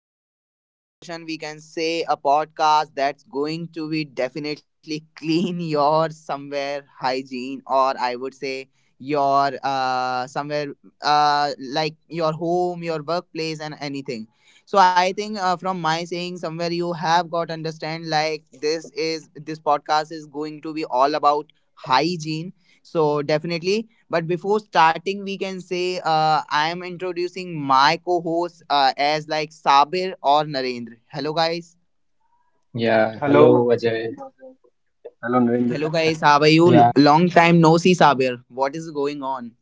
New topic of discussion. We can say a podcast that's going to be definitely clean your somewhere hygiene, or I would say your somewhere like your home, your workplace, and anything. So I think from my saying somewhere you have got understand like this podcast is going to be all about hygiene. So definitely, but before starting, we can say I am introducing my co-host as like Sabir or Narendra. Hello, guys. Yeah, hello Hello, Ajay. hello Hello, Narendra. guys. How are you? Yeah, Long hello time Sabir. no see, Sabir. What is going on?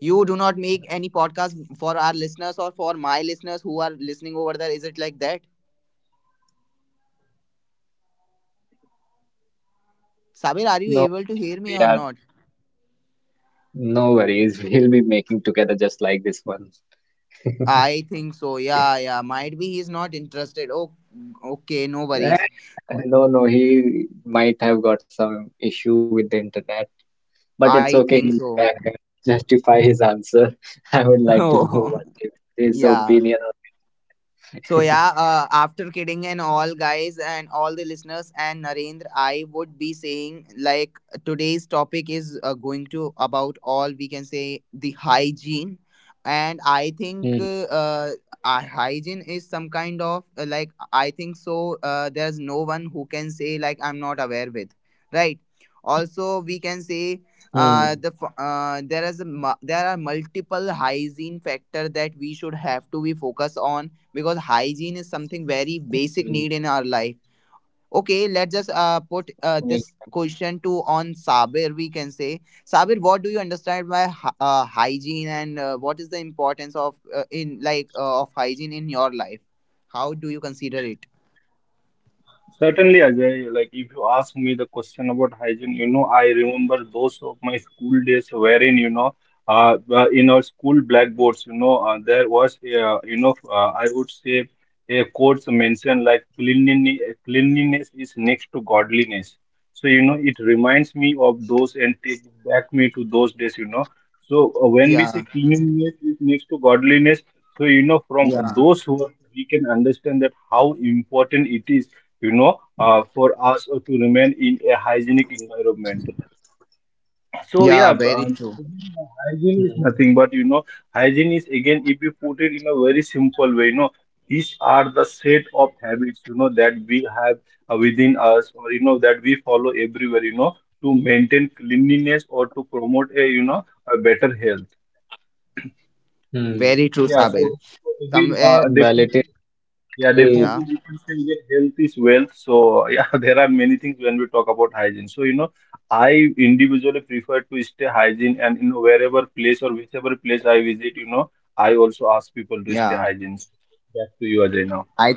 You do not make any podcast for our listeners or for my listeners who are listening over there. Is it like that? Sabir, are you No able to worries, hear me we or are not? no worries. We'll be making together just like this one. I think so. Yeah, yeah. Might be he's not interested. Oh, okay. No worries. No, no, he might have got some issue with the internet, but it's I okay. think He'll be so. back and justify his answer. I would like to know Oh, what is his yeah. opinion on it. So yeah, after kidding and all guys and all the listeners and Narendra, I would be saying like today's topic is going to about all we can say the hygiene, and I Mm-hmm. think our hygiene is some kind of like I think so. There's no one who can say like I'm not aware with, right? Also, we can Hmm. say there is there are multiple hygiene factor that we should have to be focus on, because hygiene is something Hmm. very basic need in our life. Okay, let's just Well, put yeah. This question to on Sabir. We can say, Sabir, what do you understand by hygiene, and what is the importance of in like of hygiene in your life? How do you consider it? Certainly, Ajay, like if you ask me the question about hygiene, I remember those of my school days wherein, in our school blackboards, there was, I would say a quote mentioned like cleanliness, cleanliness is next to godliness. So, it reminds me of those and takes back me to those days. So, when we Yeah, say cleanliness is next to godliness, so, from yeah, those words, we can understand that how important it is for us to remain in a hygienic environment. So yeah. yeah, Very true. Hmm. hygiene is nothing but, hygiene is again if you put it in a very simple way, these are the set of habits that we have within us, or that we follow everywhere, to maintain cleanliness or to promote a you know a better health. Hmm. Very true, Yeah. So Sabir. so again, Well, Somewhere. It is definitely. Yeah, literally. Yeah, definitely we can say that health is wealth. So yeah, there are many things when we talk about hygiene. So I individually prefer to stay hygiene and wherever place or whichever place I visit, I also ask people to stay yeah. hygiene. Back to you, Ajay now. I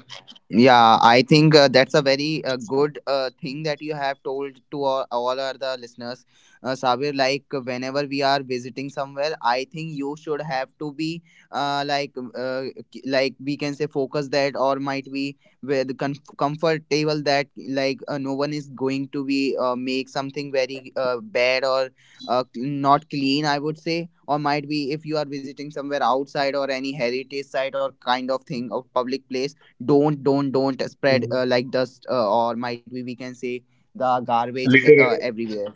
Yeah, I think that's a very good thing that you have told to all our the listeners. Sabir, like whenever we are visiting somewhere, I think you should have to be uh, like uh, like we can say focus that, or might be with comfortable that like no one is going to be make something very bad or not clean. I would say, or might be if you are visiting somewhere outside or any heritage site or kind of thing of public place, don't mm, spread like dust, or might be we can say the garbage Literally. everywhere.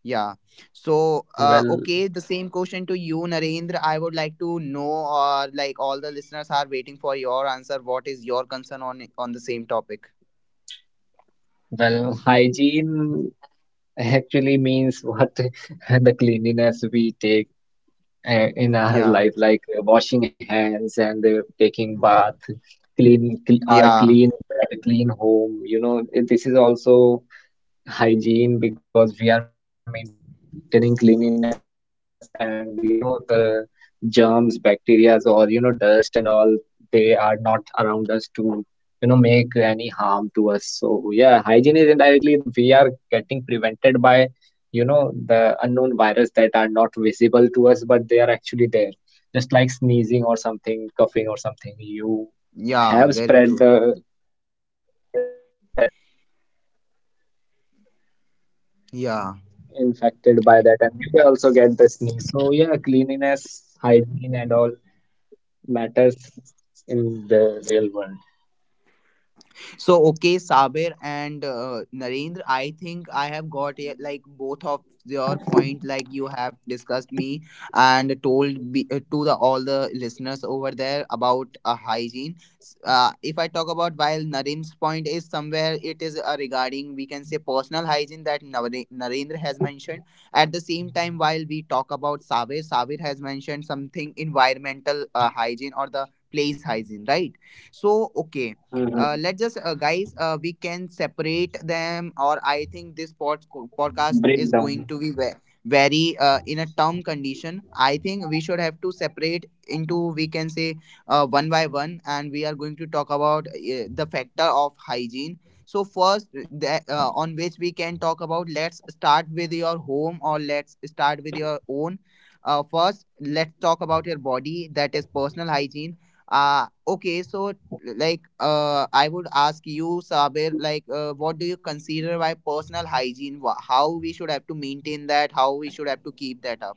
Yeah. So Well, okay, the same question to you, Narendra. I would like to know, or like all the listeners are waiting for your answer, what is your concern on the same topic? well, hygiene actually means what, the cleanliness we take in our Yeah, life, like washing hands and taking bath, clean, cl our yeah, clean bed, clean home. You know, this is also hygiene because we are maintaining cleanliness, and you know the germs, bacteria, or you know dust and all, they are not around us to, you know, make any harm to us. So yeah, hygiene is indirectly getting prevented by, you know, the unknown virus that are not visible to us, but they are actually there. Just like sneezing or something, coughing or something, you have yeah. Very spread true. the, you know, that Yeah. infected by that, and you will also get the sneeze. So yeah, cleanliness, hygiene, and all matters in the real world. So okay, Sabir and Narendra, I think I have got, yeah, like both of your point. Like you have discussed me and told be, to the all the listeners over there about hygiene. If I talk about while Narendra's point is somewhere, it is regarding we can say personal hygiene that Narendra has mentioned. At the same time, while we talk about Sabir, has mentioned something environmental hygiene, or the place hygiene, right? So okay, let's Hmm. just guys, we can separate them. Or I think this podcast is going to be Breakdown. very in a term condition. I think we should have to separate into, we can say, one by one, and we are going to talk about the factor of hygiene. So first that, on which we can talk about, let's start with your home, or let's start with your own. First, let's talk about your body, that is personal hygiene. Okay, so like I would ask you, Sabir, like what do you consider by personal hygiene? How we should have to maintain that? How we should have to keep that up?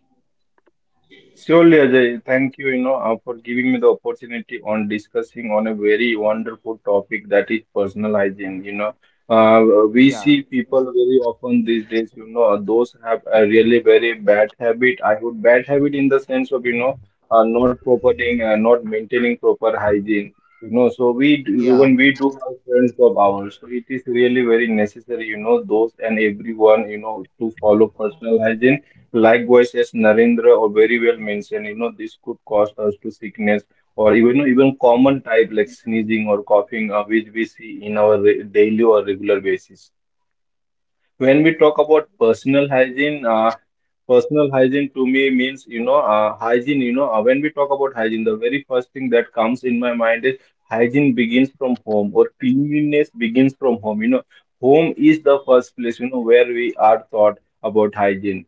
Surely, Ajay, thank you, for giving me the opportunity on discussing on a very wonderful topic that is personal hygiene. Uh, We Yeah, see people very often these days. Those have a really very bad habit. I would bad habit in the sense of not properly, not maintaining proper hygiene. So we do, yeah, when we do have friends of ours, so it is really very necessary. Those and everyone, to follow personal hygiene. Likewise, as Narendra or very well mentioned, this could cause us to sickness or even common type like sneezing or coughing, which we see in our daily or regular basis. Yes. When we talk about personal hygiene to me means hygiene. When we talk about hygiene, the very first thing that comes in my mind is hygiene begins from home or cleanliness begins from home. Home is the first place where we are taught about hygiene,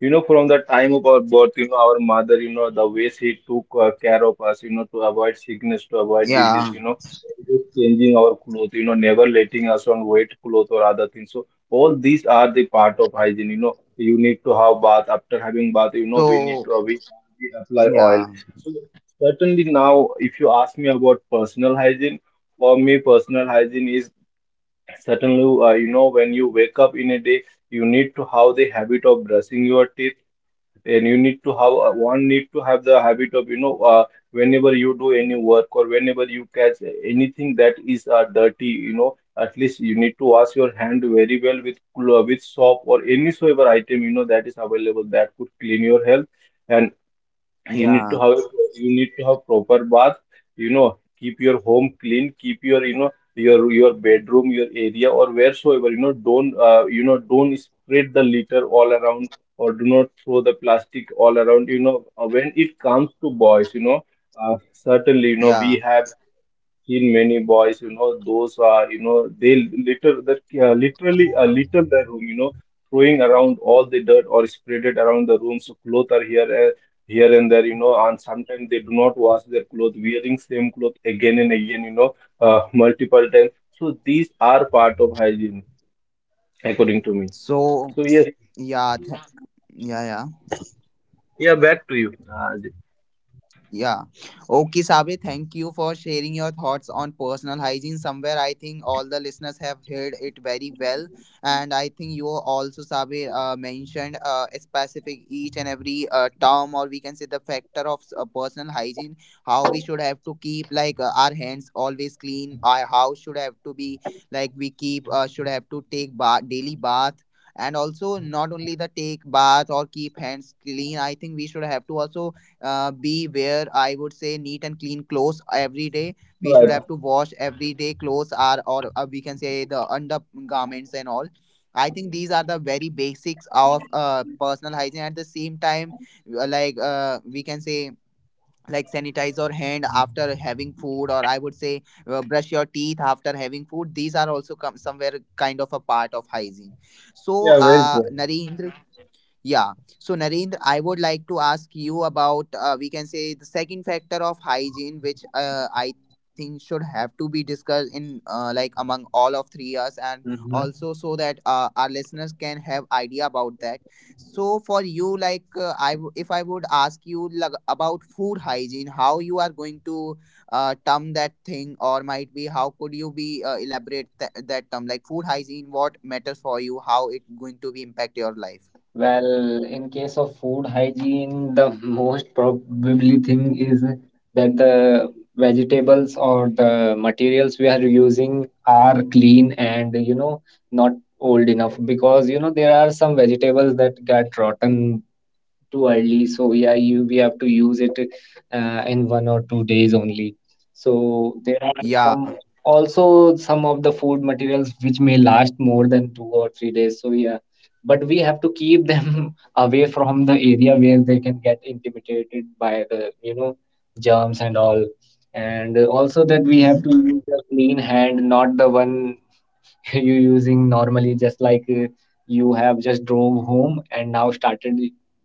from the time of our birth, our mother, the way she took care of us, to avoid sickness, to avoid disease, yeah. Always changing our clothes, never letting us on wet clothes or other things. So all these are the part of hygiene. You need to have bath. After having bath, we need So to we apply oil. yeah, So certainly now, if you ask me about personal hygiene, for me, personal hygiene is certainly, when you wake up in a day, you need to have the habit of brushing your teeth and you need to have one need to have the habit of whenever you do any work or whenever you catch anything that is dirty, at least you need to wash your hand very well with with soap or any soever item that is available that could clean your health, and you need yeah, to have you need to have proper bath. Keep your home clean, keep your, your bedroom, your area or wheresoever, don't, don't spread the litter all around or do not throw the plastic all around. When it comes to boys, uh, certainly, we yeah. have seen many boys, those are, they liter that literally litter the room, throwing around all the dirt or spread it around the room. So clothes are here, here and there, and sometimes they do not wash their clothes, wearing same clothes again and again, multiple times. So these are part of hygiene, according to me. So So yes, yeah. Yeah, yeah. yeah, back to you, Ajay. Yeah. Okay, Sabe, thank you for sharing your thoughts on personal hygiene. Somewhere I think all the listeners have heard it very well. And I think you also, Sabe, mentioned a specific each and every term, or we can say the factor of personal hygiene, how we should have to keep like our hands always clean, how should have to be like we keep, should have to take daily bath. And also, not only the take bath or keep hands clean, I think we should have to also be where I would say neat and clean clothes every day. We should Right. have to wash every day clothes, are or we can say the undergarments and all. I think these are the very basics of personal hygiene. At the same time, we can say like sanitize your hand after having food, or I would say brush your teeth after having food. These are also come somewhere kind of a part of hygiene. So Yeah, very true. Narendra. Yeah. So, Narendra, I would like to ask you about, we can say, the second factor of hygiene, which I think should have to be discussed in like among all of three us, and Mhm. also so that our listeners can have idea about that. So, for you, like, if I would ask you, like, about food hygiene, how you are going to term that thing, or might be how could you be elaborate that term, like food hygiene, what matters for you, how it going to be impact your life? Well, in case of food hygiene, the most probably thing is that the vegetables or the materials we are using are clean, and you know not old enough because you know there are some vegetables that get rotten too early. So yeah, you we have to use it in 1 or 2 days only. So there are Yeah. some, also some of the food materials which may last more than 2 or 3 days. So yeah, but we have to keep them away from the area where they can get intimidated by the, you know, germs and all. And also that we have to Hmm. use a clean hand, not the one you using normally, just like you have just drove home and now started,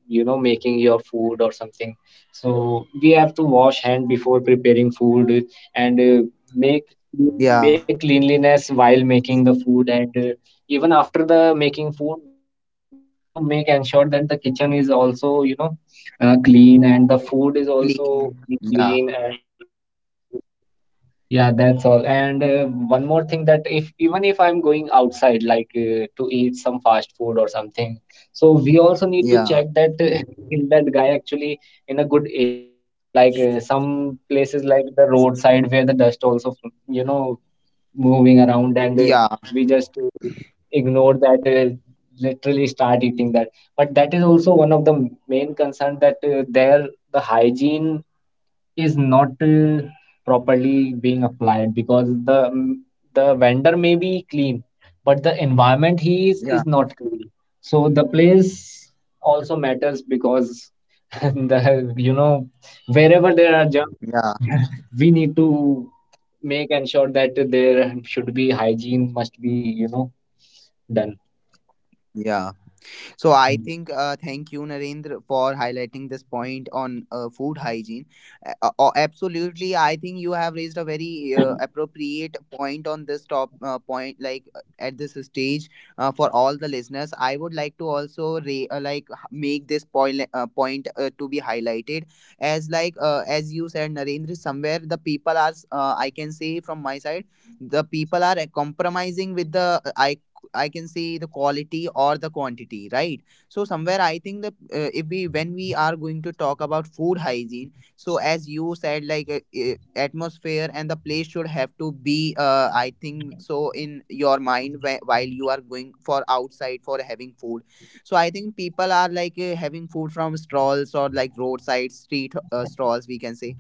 you know, making your food or something. So we have to wash hand before preparing food, and make make Yeah. cleanliness while making the food. And even after the making food, we need to make ensure that the kitchen is also, you know, clean, and the food is also Clean. clean. Yeah. And yeah, that's all. And one more thing, that if even if I'm going outside, like to eat some fast food or something, so we also need to check that Yeah. is that guy actually in a good area, like some places like the roadside where the dust also, you know, moving around, and we just Yeah. Ignore that and literally start eating that. But that is also one of the main concern that there the hygiene is not properly being applied because the vendor may be clean, but the environment he is Yeah. not clean. So the place also matters because the, you know, wherever there are germs, Yeah. we need to make ensure that there should be hygiene must be, you know, done. Yeah. So I think thank you, Narendra, for highlighting this point on food hygiene. Absolutely, I think you have raised a very appropriate point on this top point. Like at this stage, for all the listeners, I would like to also make this point to be highlighted as like as you said, Narendra, somewhere the people are I can say, from my side, the people are compromising with the I. I can say the quality or the quantity, right? So somewhere I think that if we when we are going to talk about food hygiene, so as you said, like atmosphere and the place should have to be, I think so in your mind while you are going for outside for having food. So I think people are like having food from stalls or like roadside street stalls, we can say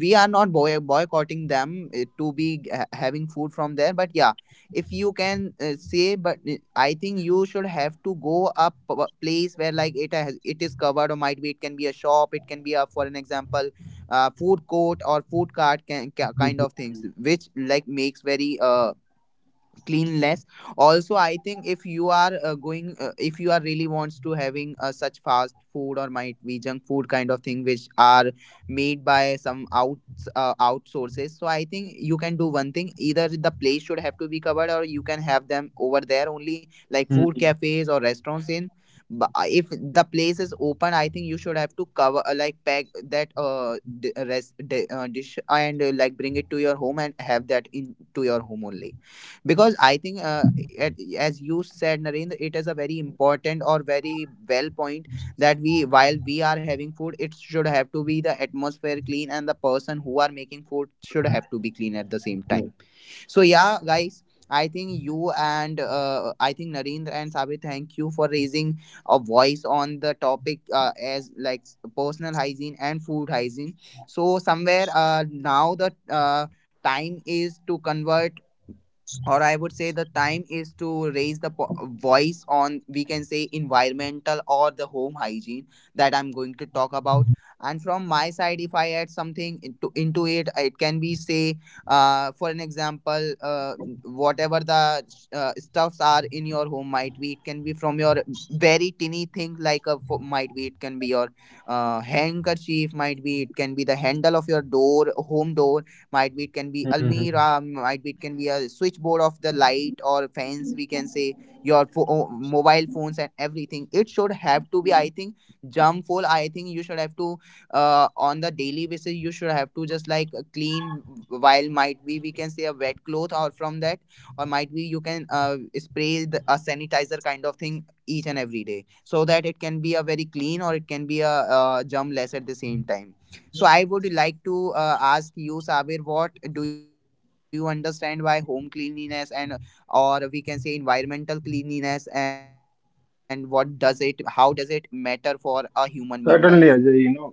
we are not boycotting them to be having food from there, but yeah, if you can say. But I think you should have to go up place where like it has it is covered, or might be it can be a shop, it can be a, for an example, food court or food cart Mhm. kind of things which like makes very cleanliness. Also, I think if you are going, if you are really wants to having such fast food, or might be junk food kind of thing which are made by some outsources. So I think you can do one thing: either the place should have to be covered, or you can have them over there only, like food Mhm. cafes or restaurants in. But if the place is open, I think you should have to cover like pack that rest, dish, and like bring it to your home and have that in to your home only, because I think, as you said, Narendra, it is a very important or very well point, that we while we are having food it should have to be the atmosphere clean, and the person who are making food should Mhm. have to be clean at the same Yeah. time. So yeah, guys, I think Narendra and Sabir, thank you for raising a voice on the topic, as like personal hygiene and food hygiene. So somewhere now the uh, time is to convert, or I would say the time is to raise the voice on, we can say, environmental or the home hygiene that I'm going to talk about. And from my side, if I add something into it, it can be say, for an example, whatever the stuffs are in your home. Might be it can be from your very tiny thing like might be it can be your handkerchief. Might be it can be the handle of your door, home door. Might be it can be Mhm. Mhm. almirah. Might be it can be a switchboard of the light or fans. We Can say your mobile phones and everything it should have to be, I think, jump full. I think you should have to on the daily basis, you should have to just like clean while, might be, we can say a wet cloth or from that, or might be you can spray a sanitizer kind of thing each and every day, so that it can be a very clean, or it can be a germ less at the same time. So I would like to ask you, Sabir, what do you understand by home cleanliness, and or we can say environmental cleanliness, and how does it matter for a human being life? Certainly, Ajay.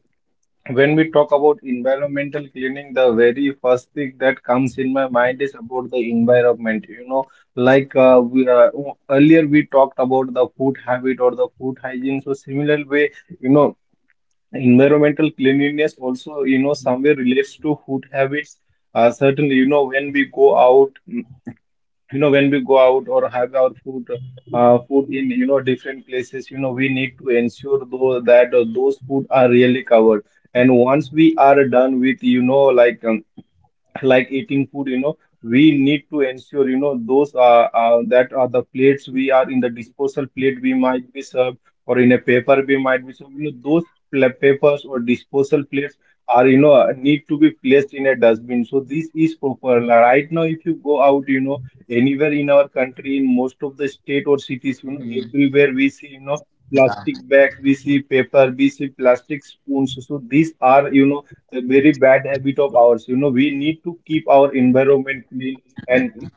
When we talk about environmental cleaning, the very first thing that comes in my mind is about the environment. Like earlier we talked about the food habit or the food hygiene. So similar way, you know, environmental cleanliness also, somewhere relates to food habits. Certainly, when we go out, or have our food, food in different places, we need to ensure though that those food are really covered, and once we are done with, like eating food, we need to ensure, those, that are the plates we are in, the disposal plate we might be served or in a paper we might be served, those papers or disposal plates are, need to be placed in a dustbin, so this is proper. Like, right now if you go out, anywhere in our country, in most of the state or cities, Mm-hmm. everywhere we see, Yeah. plastic bags, we see paper, we see plastic spoons, so these are, a very bad habit of ours. We need to keep our environment clean, and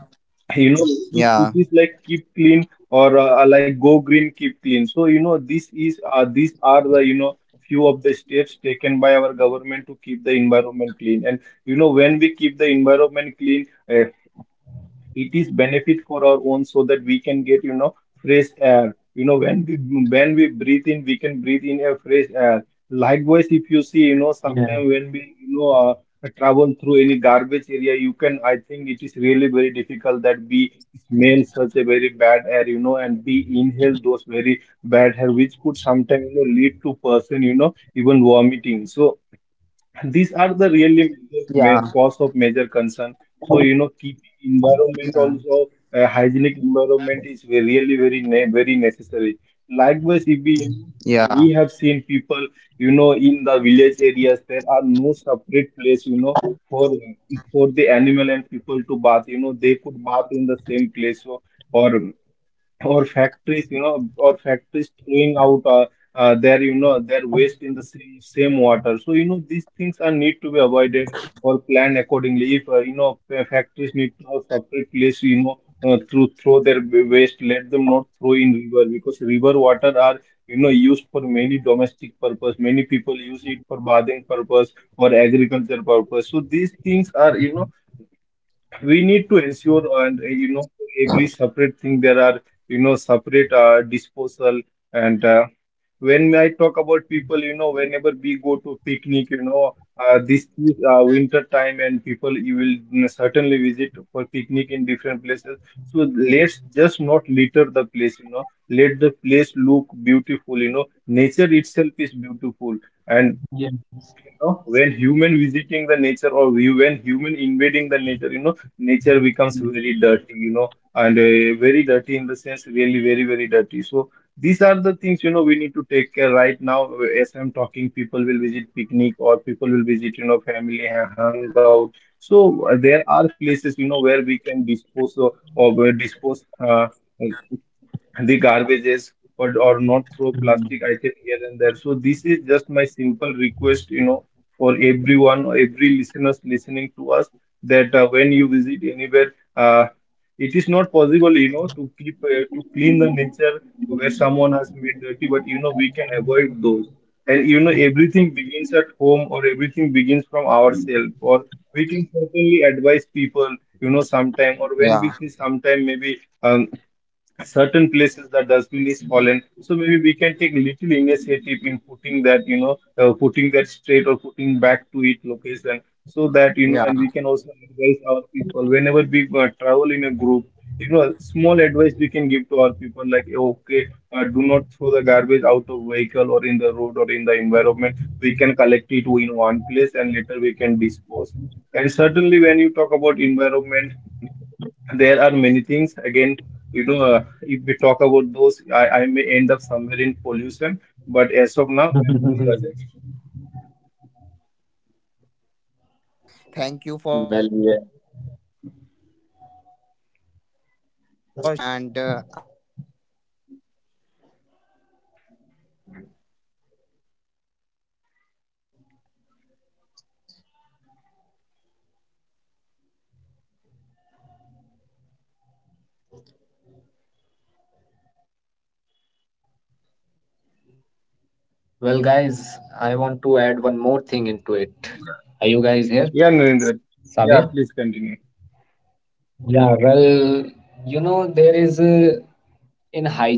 you know keep, it Yeah. is like keep clean or, like go green, keep clean. So, this is, these are the, few of the steps taken by our government to keep the environment clean. And when we keep the environment clean, it is benefit for our own so that we can get, fresh air, when we breathe in we can breathe in a fresh air. Likewise if you see, sometimes when we, Yeah. Travel through any garbage area, you can, I think it is really very difficult that we smell such a very bad air, and we inhale those very bad air which could sometimes, lead to person, even vomiting, so these are the really major main Yeah. cause of major concern. So, keeping Yeah, environment yeah, also, hygienic environment is really very ne very necessary. Likewise, if yeah, we have seen Mhm. people, in the village areas, there are no separate place, for the animal and people to bath. They could bath in the same place. So, or or factories, or factories throwing out, their, their waste in the same water, so these things are need to be avoided or planned accordingly. If factories need to have separate place, to throw their waste, let them not throw in river because river water are, used for many domestic purpose, many people use it for bathing purpose or agriculture purpose, so these things are, we need to ensure. And every separate thing there are, separate, disposal. And when I talk about people, whenever we go to picnic, this is winter time and people you will, certainly visit for picnic in different places. So let's just not litter the place, let the place look beautiful, nature itself is beautiful. And when Yes. human visiting the nature, or when human invading the nature, nature becomes really dirty. And very dirty in the sense really very very dirty, so these are the things, we need to take care right now. As I'm talking, people will visit picnic or people will visit, family and hang out. So there are places, where we can dispose of, dispose the garbages, or not throw plastic item here and there. So Mhm. this is just my simple request, for everyone or every listeners listening to us that when you visit anywhere, it is not possible, to keep, to clean the nature where someone has made dirty, but we can avoid those. And everything begins at home or everything begins from ourselves. Or we can certainly advise people, you know, sometime or when we see sometime maybe certain places that dustbin is fallen, so maybe we can take little initiative in putting that, you know, putting that straight or putting back to its location so that you know. And we can also advise our people whenever we travel in a group. You know, small advice we can give to our people, like, "Hey, okay, do not throw the garbage out of vehicle or in the road or in the environment. We can collect it in one place and later we can dispose." And certainly when you talk about environment, there are many things again. You know, if we talk about those, I may end up somewhere in pollution, but as of now, yeah, yeah. Very true. I think Sabir, thank you for Well, yeah. sharing your yeah, wonderful thoughts on it. And I would be raising the voice. I think so, you have like explained it very well, in a very well manner somewhere, which should have to be focused. So guys, I think we have covered three of the point also. I think still there are few of the points I Well, remember when guys, we I want to add specific. one more thing into it. Are you guys yeah. here, Narendra, yeah, please Sabir? continue, Yeah, well, Yeah. you know, there is a,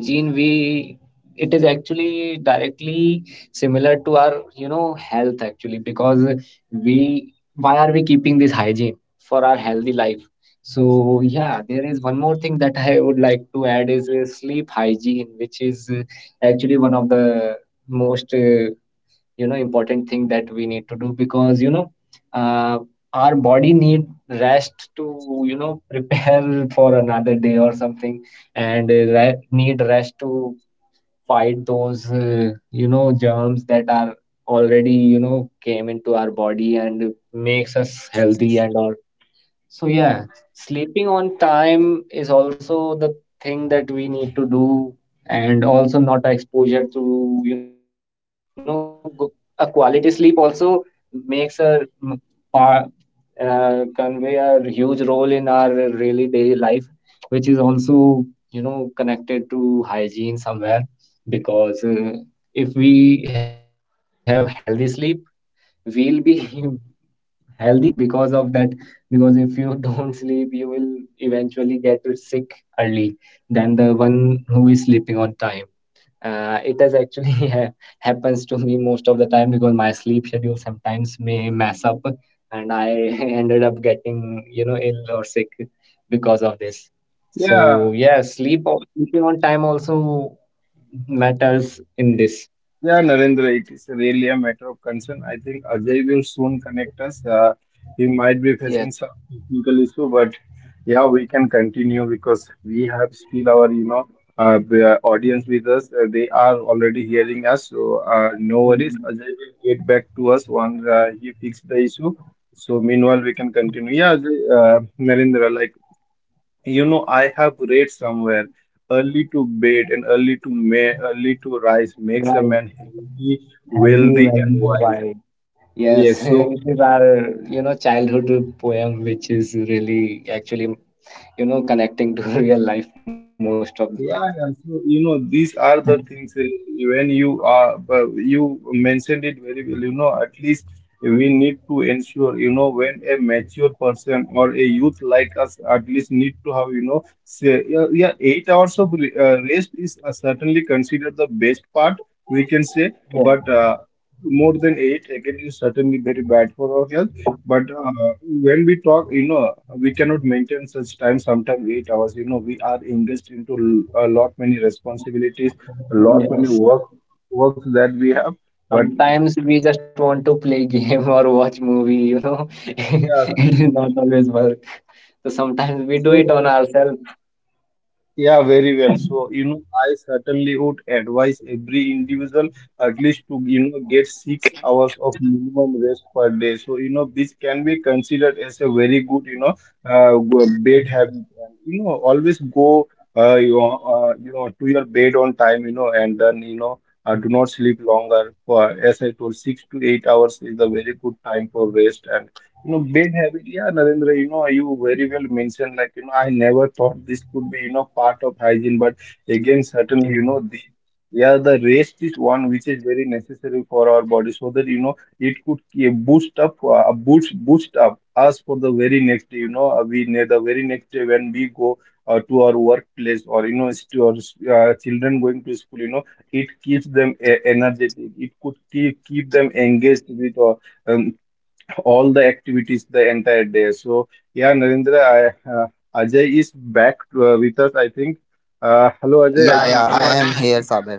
in hygiene, it is actually directly similar to our, you know, health, actually, because we why are we keeping this hygiene for our healthy life? So yeah, there is one more thing that I would like to add is sleep hygiene, which is actually one of the most you know important thing that we need to do because you know. Uh, our body need rest to, you know, prepare for another day or something, and need rest to fight those you know germs that are already, you know, came into our body and makes us healthy and all. So yeah, sleeping on time is also the thing that we need to do, and also not exposure to, you know, a quality sleep also makes par, convey a huge role in our really daily life, which is also, you know, connected to hygiene somewhere. Because if we have healthy sleep, we'll be healthier because of that. Because if you don't sleep, you will eventually get sick early than the one who is sleeping on time. It has actually happens to me most of the time, because my sleep schedule sometimes may mess up, and I ended up getting, you know, ill or sick because of this. yeah. So yeah, sleeping on time also matters in this. Yeah, Narendra, it is really a matter of concern. I think Ajay will soon connect us. He might be facing some Yeah. technical issue, but yeah, we can continue because we have still our, you know, the audience with us. They are already hearing us, so no worries. Mhm. Ajay will get back to us once he fixes the issue. So meanwhile, we can continue. Yeah, Ajay, Narendra, like, you know, I have read somewhere, early to bed and early to may early to rise makes a Right. man healthy, Andy wealthy, and Wagner wise. Wild. Yes, Yes, so this is our, you know, childhood poem, which is really actually, you know, connecting to real life most of the time. yeah, and so you know these are the things, when you are, but you mentioned it very well. You know, at least we need to ensure, you know, when a mature person or a youth like us at least need to have, you know, say yeah, yeah, eight hours of rest is certainly considered the best part, we can say. Yes, But more than eight again is certainly very bad for our health. But when we talk, you know, we cannot maintain such time, sometimes eight hours. You know, we are engaged into a lot many responsibilities, a lot yes. many Yes. Works that we have. But Sometimes we just want to play game or watch movie, you know. yeah, It is not always work. So sometimes we do it so on ourselves. yeah, very well. So, you know, I certainly would advise every individual at least to, you know, get six hours of minimum rest per day. So, you know, this can be considered as a very good, you know, bed habit. And, you know, always go, you know, to your bed on time, you know, and then, you know, do not sleep longer. For, as I told, six to eight hours is a very good time for rest. And you know, big habit. Yeah, Narendra, you know, you very well mentioned, like, you know, I never thought this could be, you know, part of hygiene, but again, Mhm. certainly, you know, the yeah, the rest is one which is very necessary for our body so that, you know, it could boost up us for the very next day, you know, we ne the very next day when we go to our workplace or, you know, to our children going to school, you know, it keeps them energetic. It could keep them engaged with um, all the activities the entire day. So yeah, Narendra, Ajay is back with us, I think. Hello, Ajay. Yeah, I yeah, think you. I Are- am here, Saber.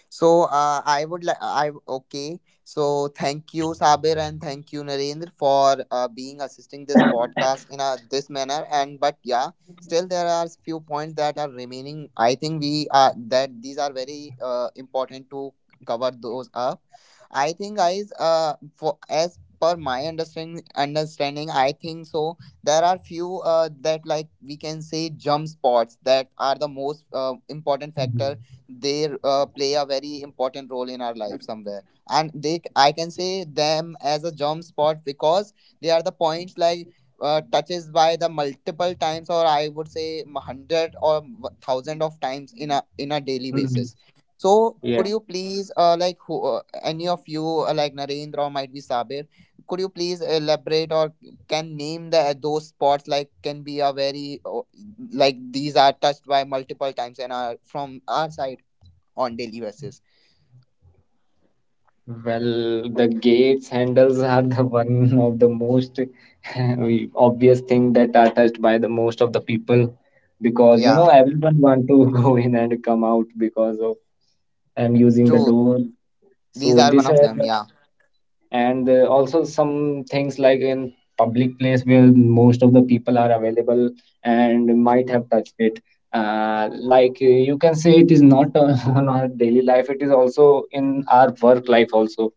So I would like, I, okay. So thank you, Sabir, and thank you, Narendra, for being assisting this podcast in a, this manner. And but yeah, still there are few points that are remaining. I think we are that these are very important to cover those up. I think, guys, for as per my understanding, I think so. There are few that, like we can say, jump spots that are the most Mhm. important factor. They play a very important role in our life somewhere, and they, I can say them as a germ spot, because they are the points like touches by the multiple times, or I would say hundred or thousand of times in a daily Mhm. basis. So Yeah. could you please like any of you like Narendra or might be Sabir, could you please elaborate or can name the those spots, like can be a very like these are touched by multiple times and are from our side on daily basis. Well, the gates handles are the one of the most obvious thing that are touched by the most of the people, because you Yeah, know everyone want to go in and come out because of I'm using the true. door. These So are one this of has. them. Yeah, And also some things like in public place where most of the people are available and might have touched it, like you can say it is not on our daily life, it is also in our work life also.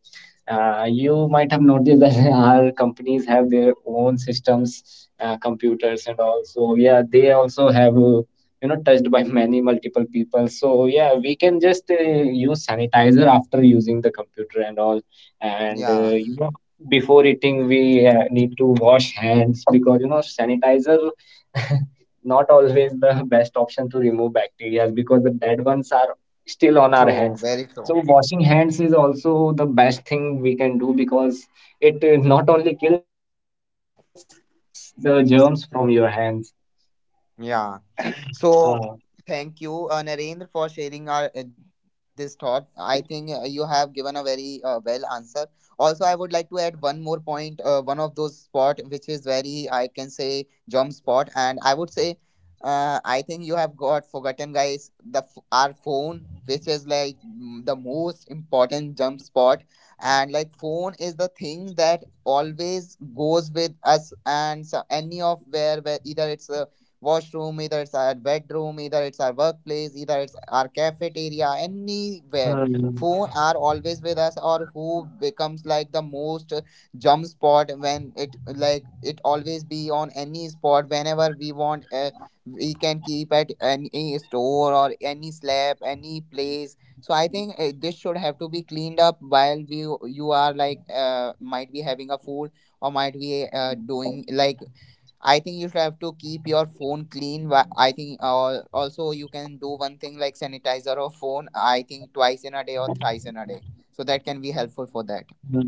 You might have noticed that our companies have their own systems, computers and all. So yeah, they also have, you know, touched by many multiple people. So yeah, we can just use sanitizer after using the computer and all. And yeah, you know before eating we need to wash hands, because you know sanitizer not always the best option to remove bacteria, because the dead ones are still on our true. hands. Very So true. washing hands is also the best thing we can do, because it not only kills, it also removes the germs from your hands. Yeah. Uh, So thank you, Narendra, for sharing our, this thought. I think you have given a very well answer. Also, I would like to add one more point. One of those spot which is very, I can say, jump spot, and I would say, I think you have got forgotten, guys. The our phone, which is like, mm, the most important jump spot. And like, phone is the thing that always goes with us. And so any of where either it's a washroom, either it's our bedroom, either it's our workplace, either it's our hmm, cafeteria, anywhere. Phone are always with us, or who becomes like the most jump spot when it, like, it always be on any spot whenever we want. We can keep at any store or any slab, any place. So I think this should have to be cleaned up while we you are like, might be having a food, or might be doing like, I think you should have to keep your phone clean. I think also you can do one thing like sanitizer or phone. I think twice in a day or thrice in a day. So that can be helpful for that. hmm.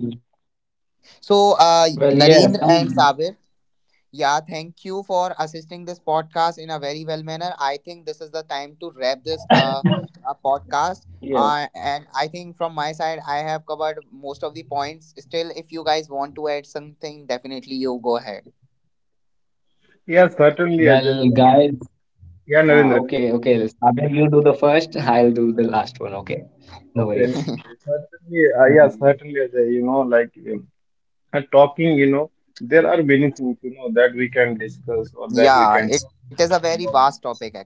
So Well, yeah, Narendra some. and Sabir, yeah, thank you for assisting this podcast in a very well manner. I think this is the time to wrap this uh, podcast. Yeah, And I think from my side, I have covered most of the points. Still, if you guys want to add something, definitely you go ahead. Yeah, certainly, Ajay. well, guys. Yeah, Ah, Narendra. okay, okay. Sabir, you do the first, I'll do the last one. Okay, no Okay. worries. Certainly, yeah, Mhm. certainly, Ajay. You know, like talking. You know, there are many things, you know, that we can discuss or that we Yeah, can it is talk a very vast about. topic actually.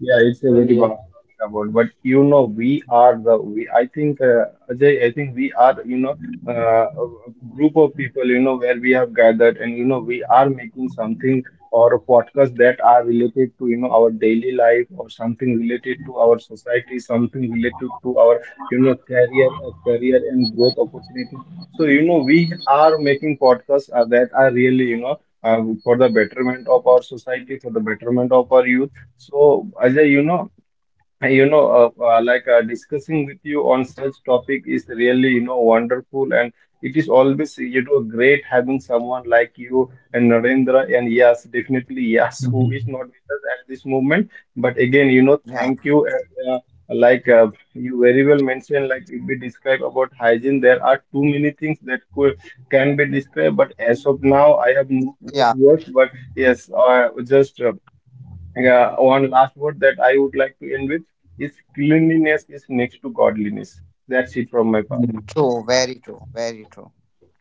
Yeah, it's a very Well, vast yeah. about, but you know, we are the we. I think Ajay, I think we are, you know, a group of people, you know, where we have gathered, and you know we are making something or a podcast that are related to, you know, our daily life or something related to our society, something related to our, you know, career and growth opportunities. So you know we are making podcasts that are really, you know, for the betterment of our society, for the betterment of our youth. So, Ajay, you know, you know, like discussing with you on such topic is really, you know, wonderful, and it is always, you know, great having someone like you and Narendra, and yes, definitely yes, who is not Mhm. with us at this moment, but again, you know, Yeah, thank you. And, like you very well mentioned, like if we describe about hygiene, there are too many things that could can be described, but as of now, I have no good words, yeah, but yes, just. Yeah, one last word that I would like to end with is cleanliness is next to godliness. That's it from my part. Mm. true, very true, very true.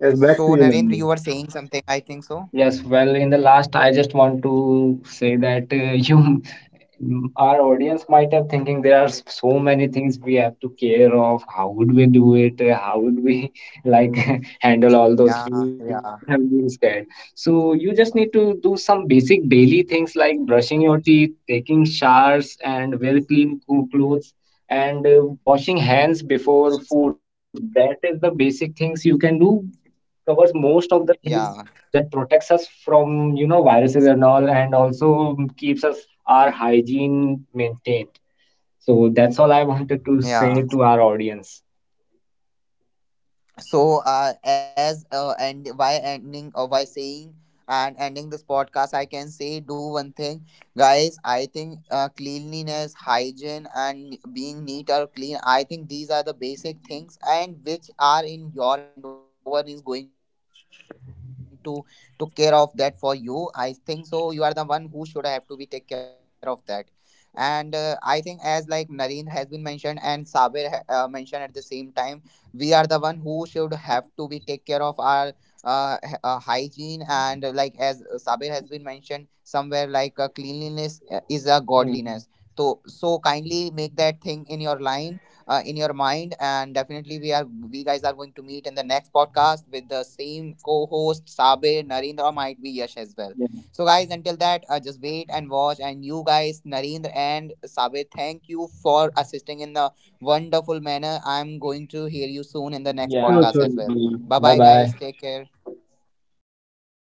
Yes, back to you, So, Nandini. Narendra, you were saying something, I think Yes, so. well, in the last, I just want to say that our audience might have thinking there are so many things we have to care of, how would we do it, how would we like handle all those things, this Yeah, might have yeah, been scared. So you just need to do some basic daily things like brushing your teeth, taking showers and wear clean clothes, and washing hands before food. That is the basic things you can do, covers most of the things yeah, that protects us from, you know, viruses and all, and also keeps us our hygiene maintained. So that's all I wanted to say yeah. to our audience. So as and why ending or why saying and ending this podcast, I can say, do one thing, guys. I think cleanliness, hygiene, and being neat or clean, I think these are the basic things, and which are in your hand only. No one is going to took care of that for you, I think so. You are the one who should have to be take care of that. And I think, as like Narendra has been mentioned and Sabir mentioned at the same time, we are the one who should have to be take care of our hygiene. And like as Sabir has been mentioned somewhere, like cleanliness is a godliness. Hmm. So so kindly make that thing in your line, in your mind. And definitely, we are we guys are going to meet in the next podcast with the same co-host, Sabir, Narendra, or might be Yash as well. Yeah, So guys, until that, just wait and watch. And you guys, Narendra and Sabir, thank you for assisting in the wonderful manner. I'm going to hear you soon in the next Sure, yeah. podcast sure. as well. Bye bye, Bye guys. bye. Take care.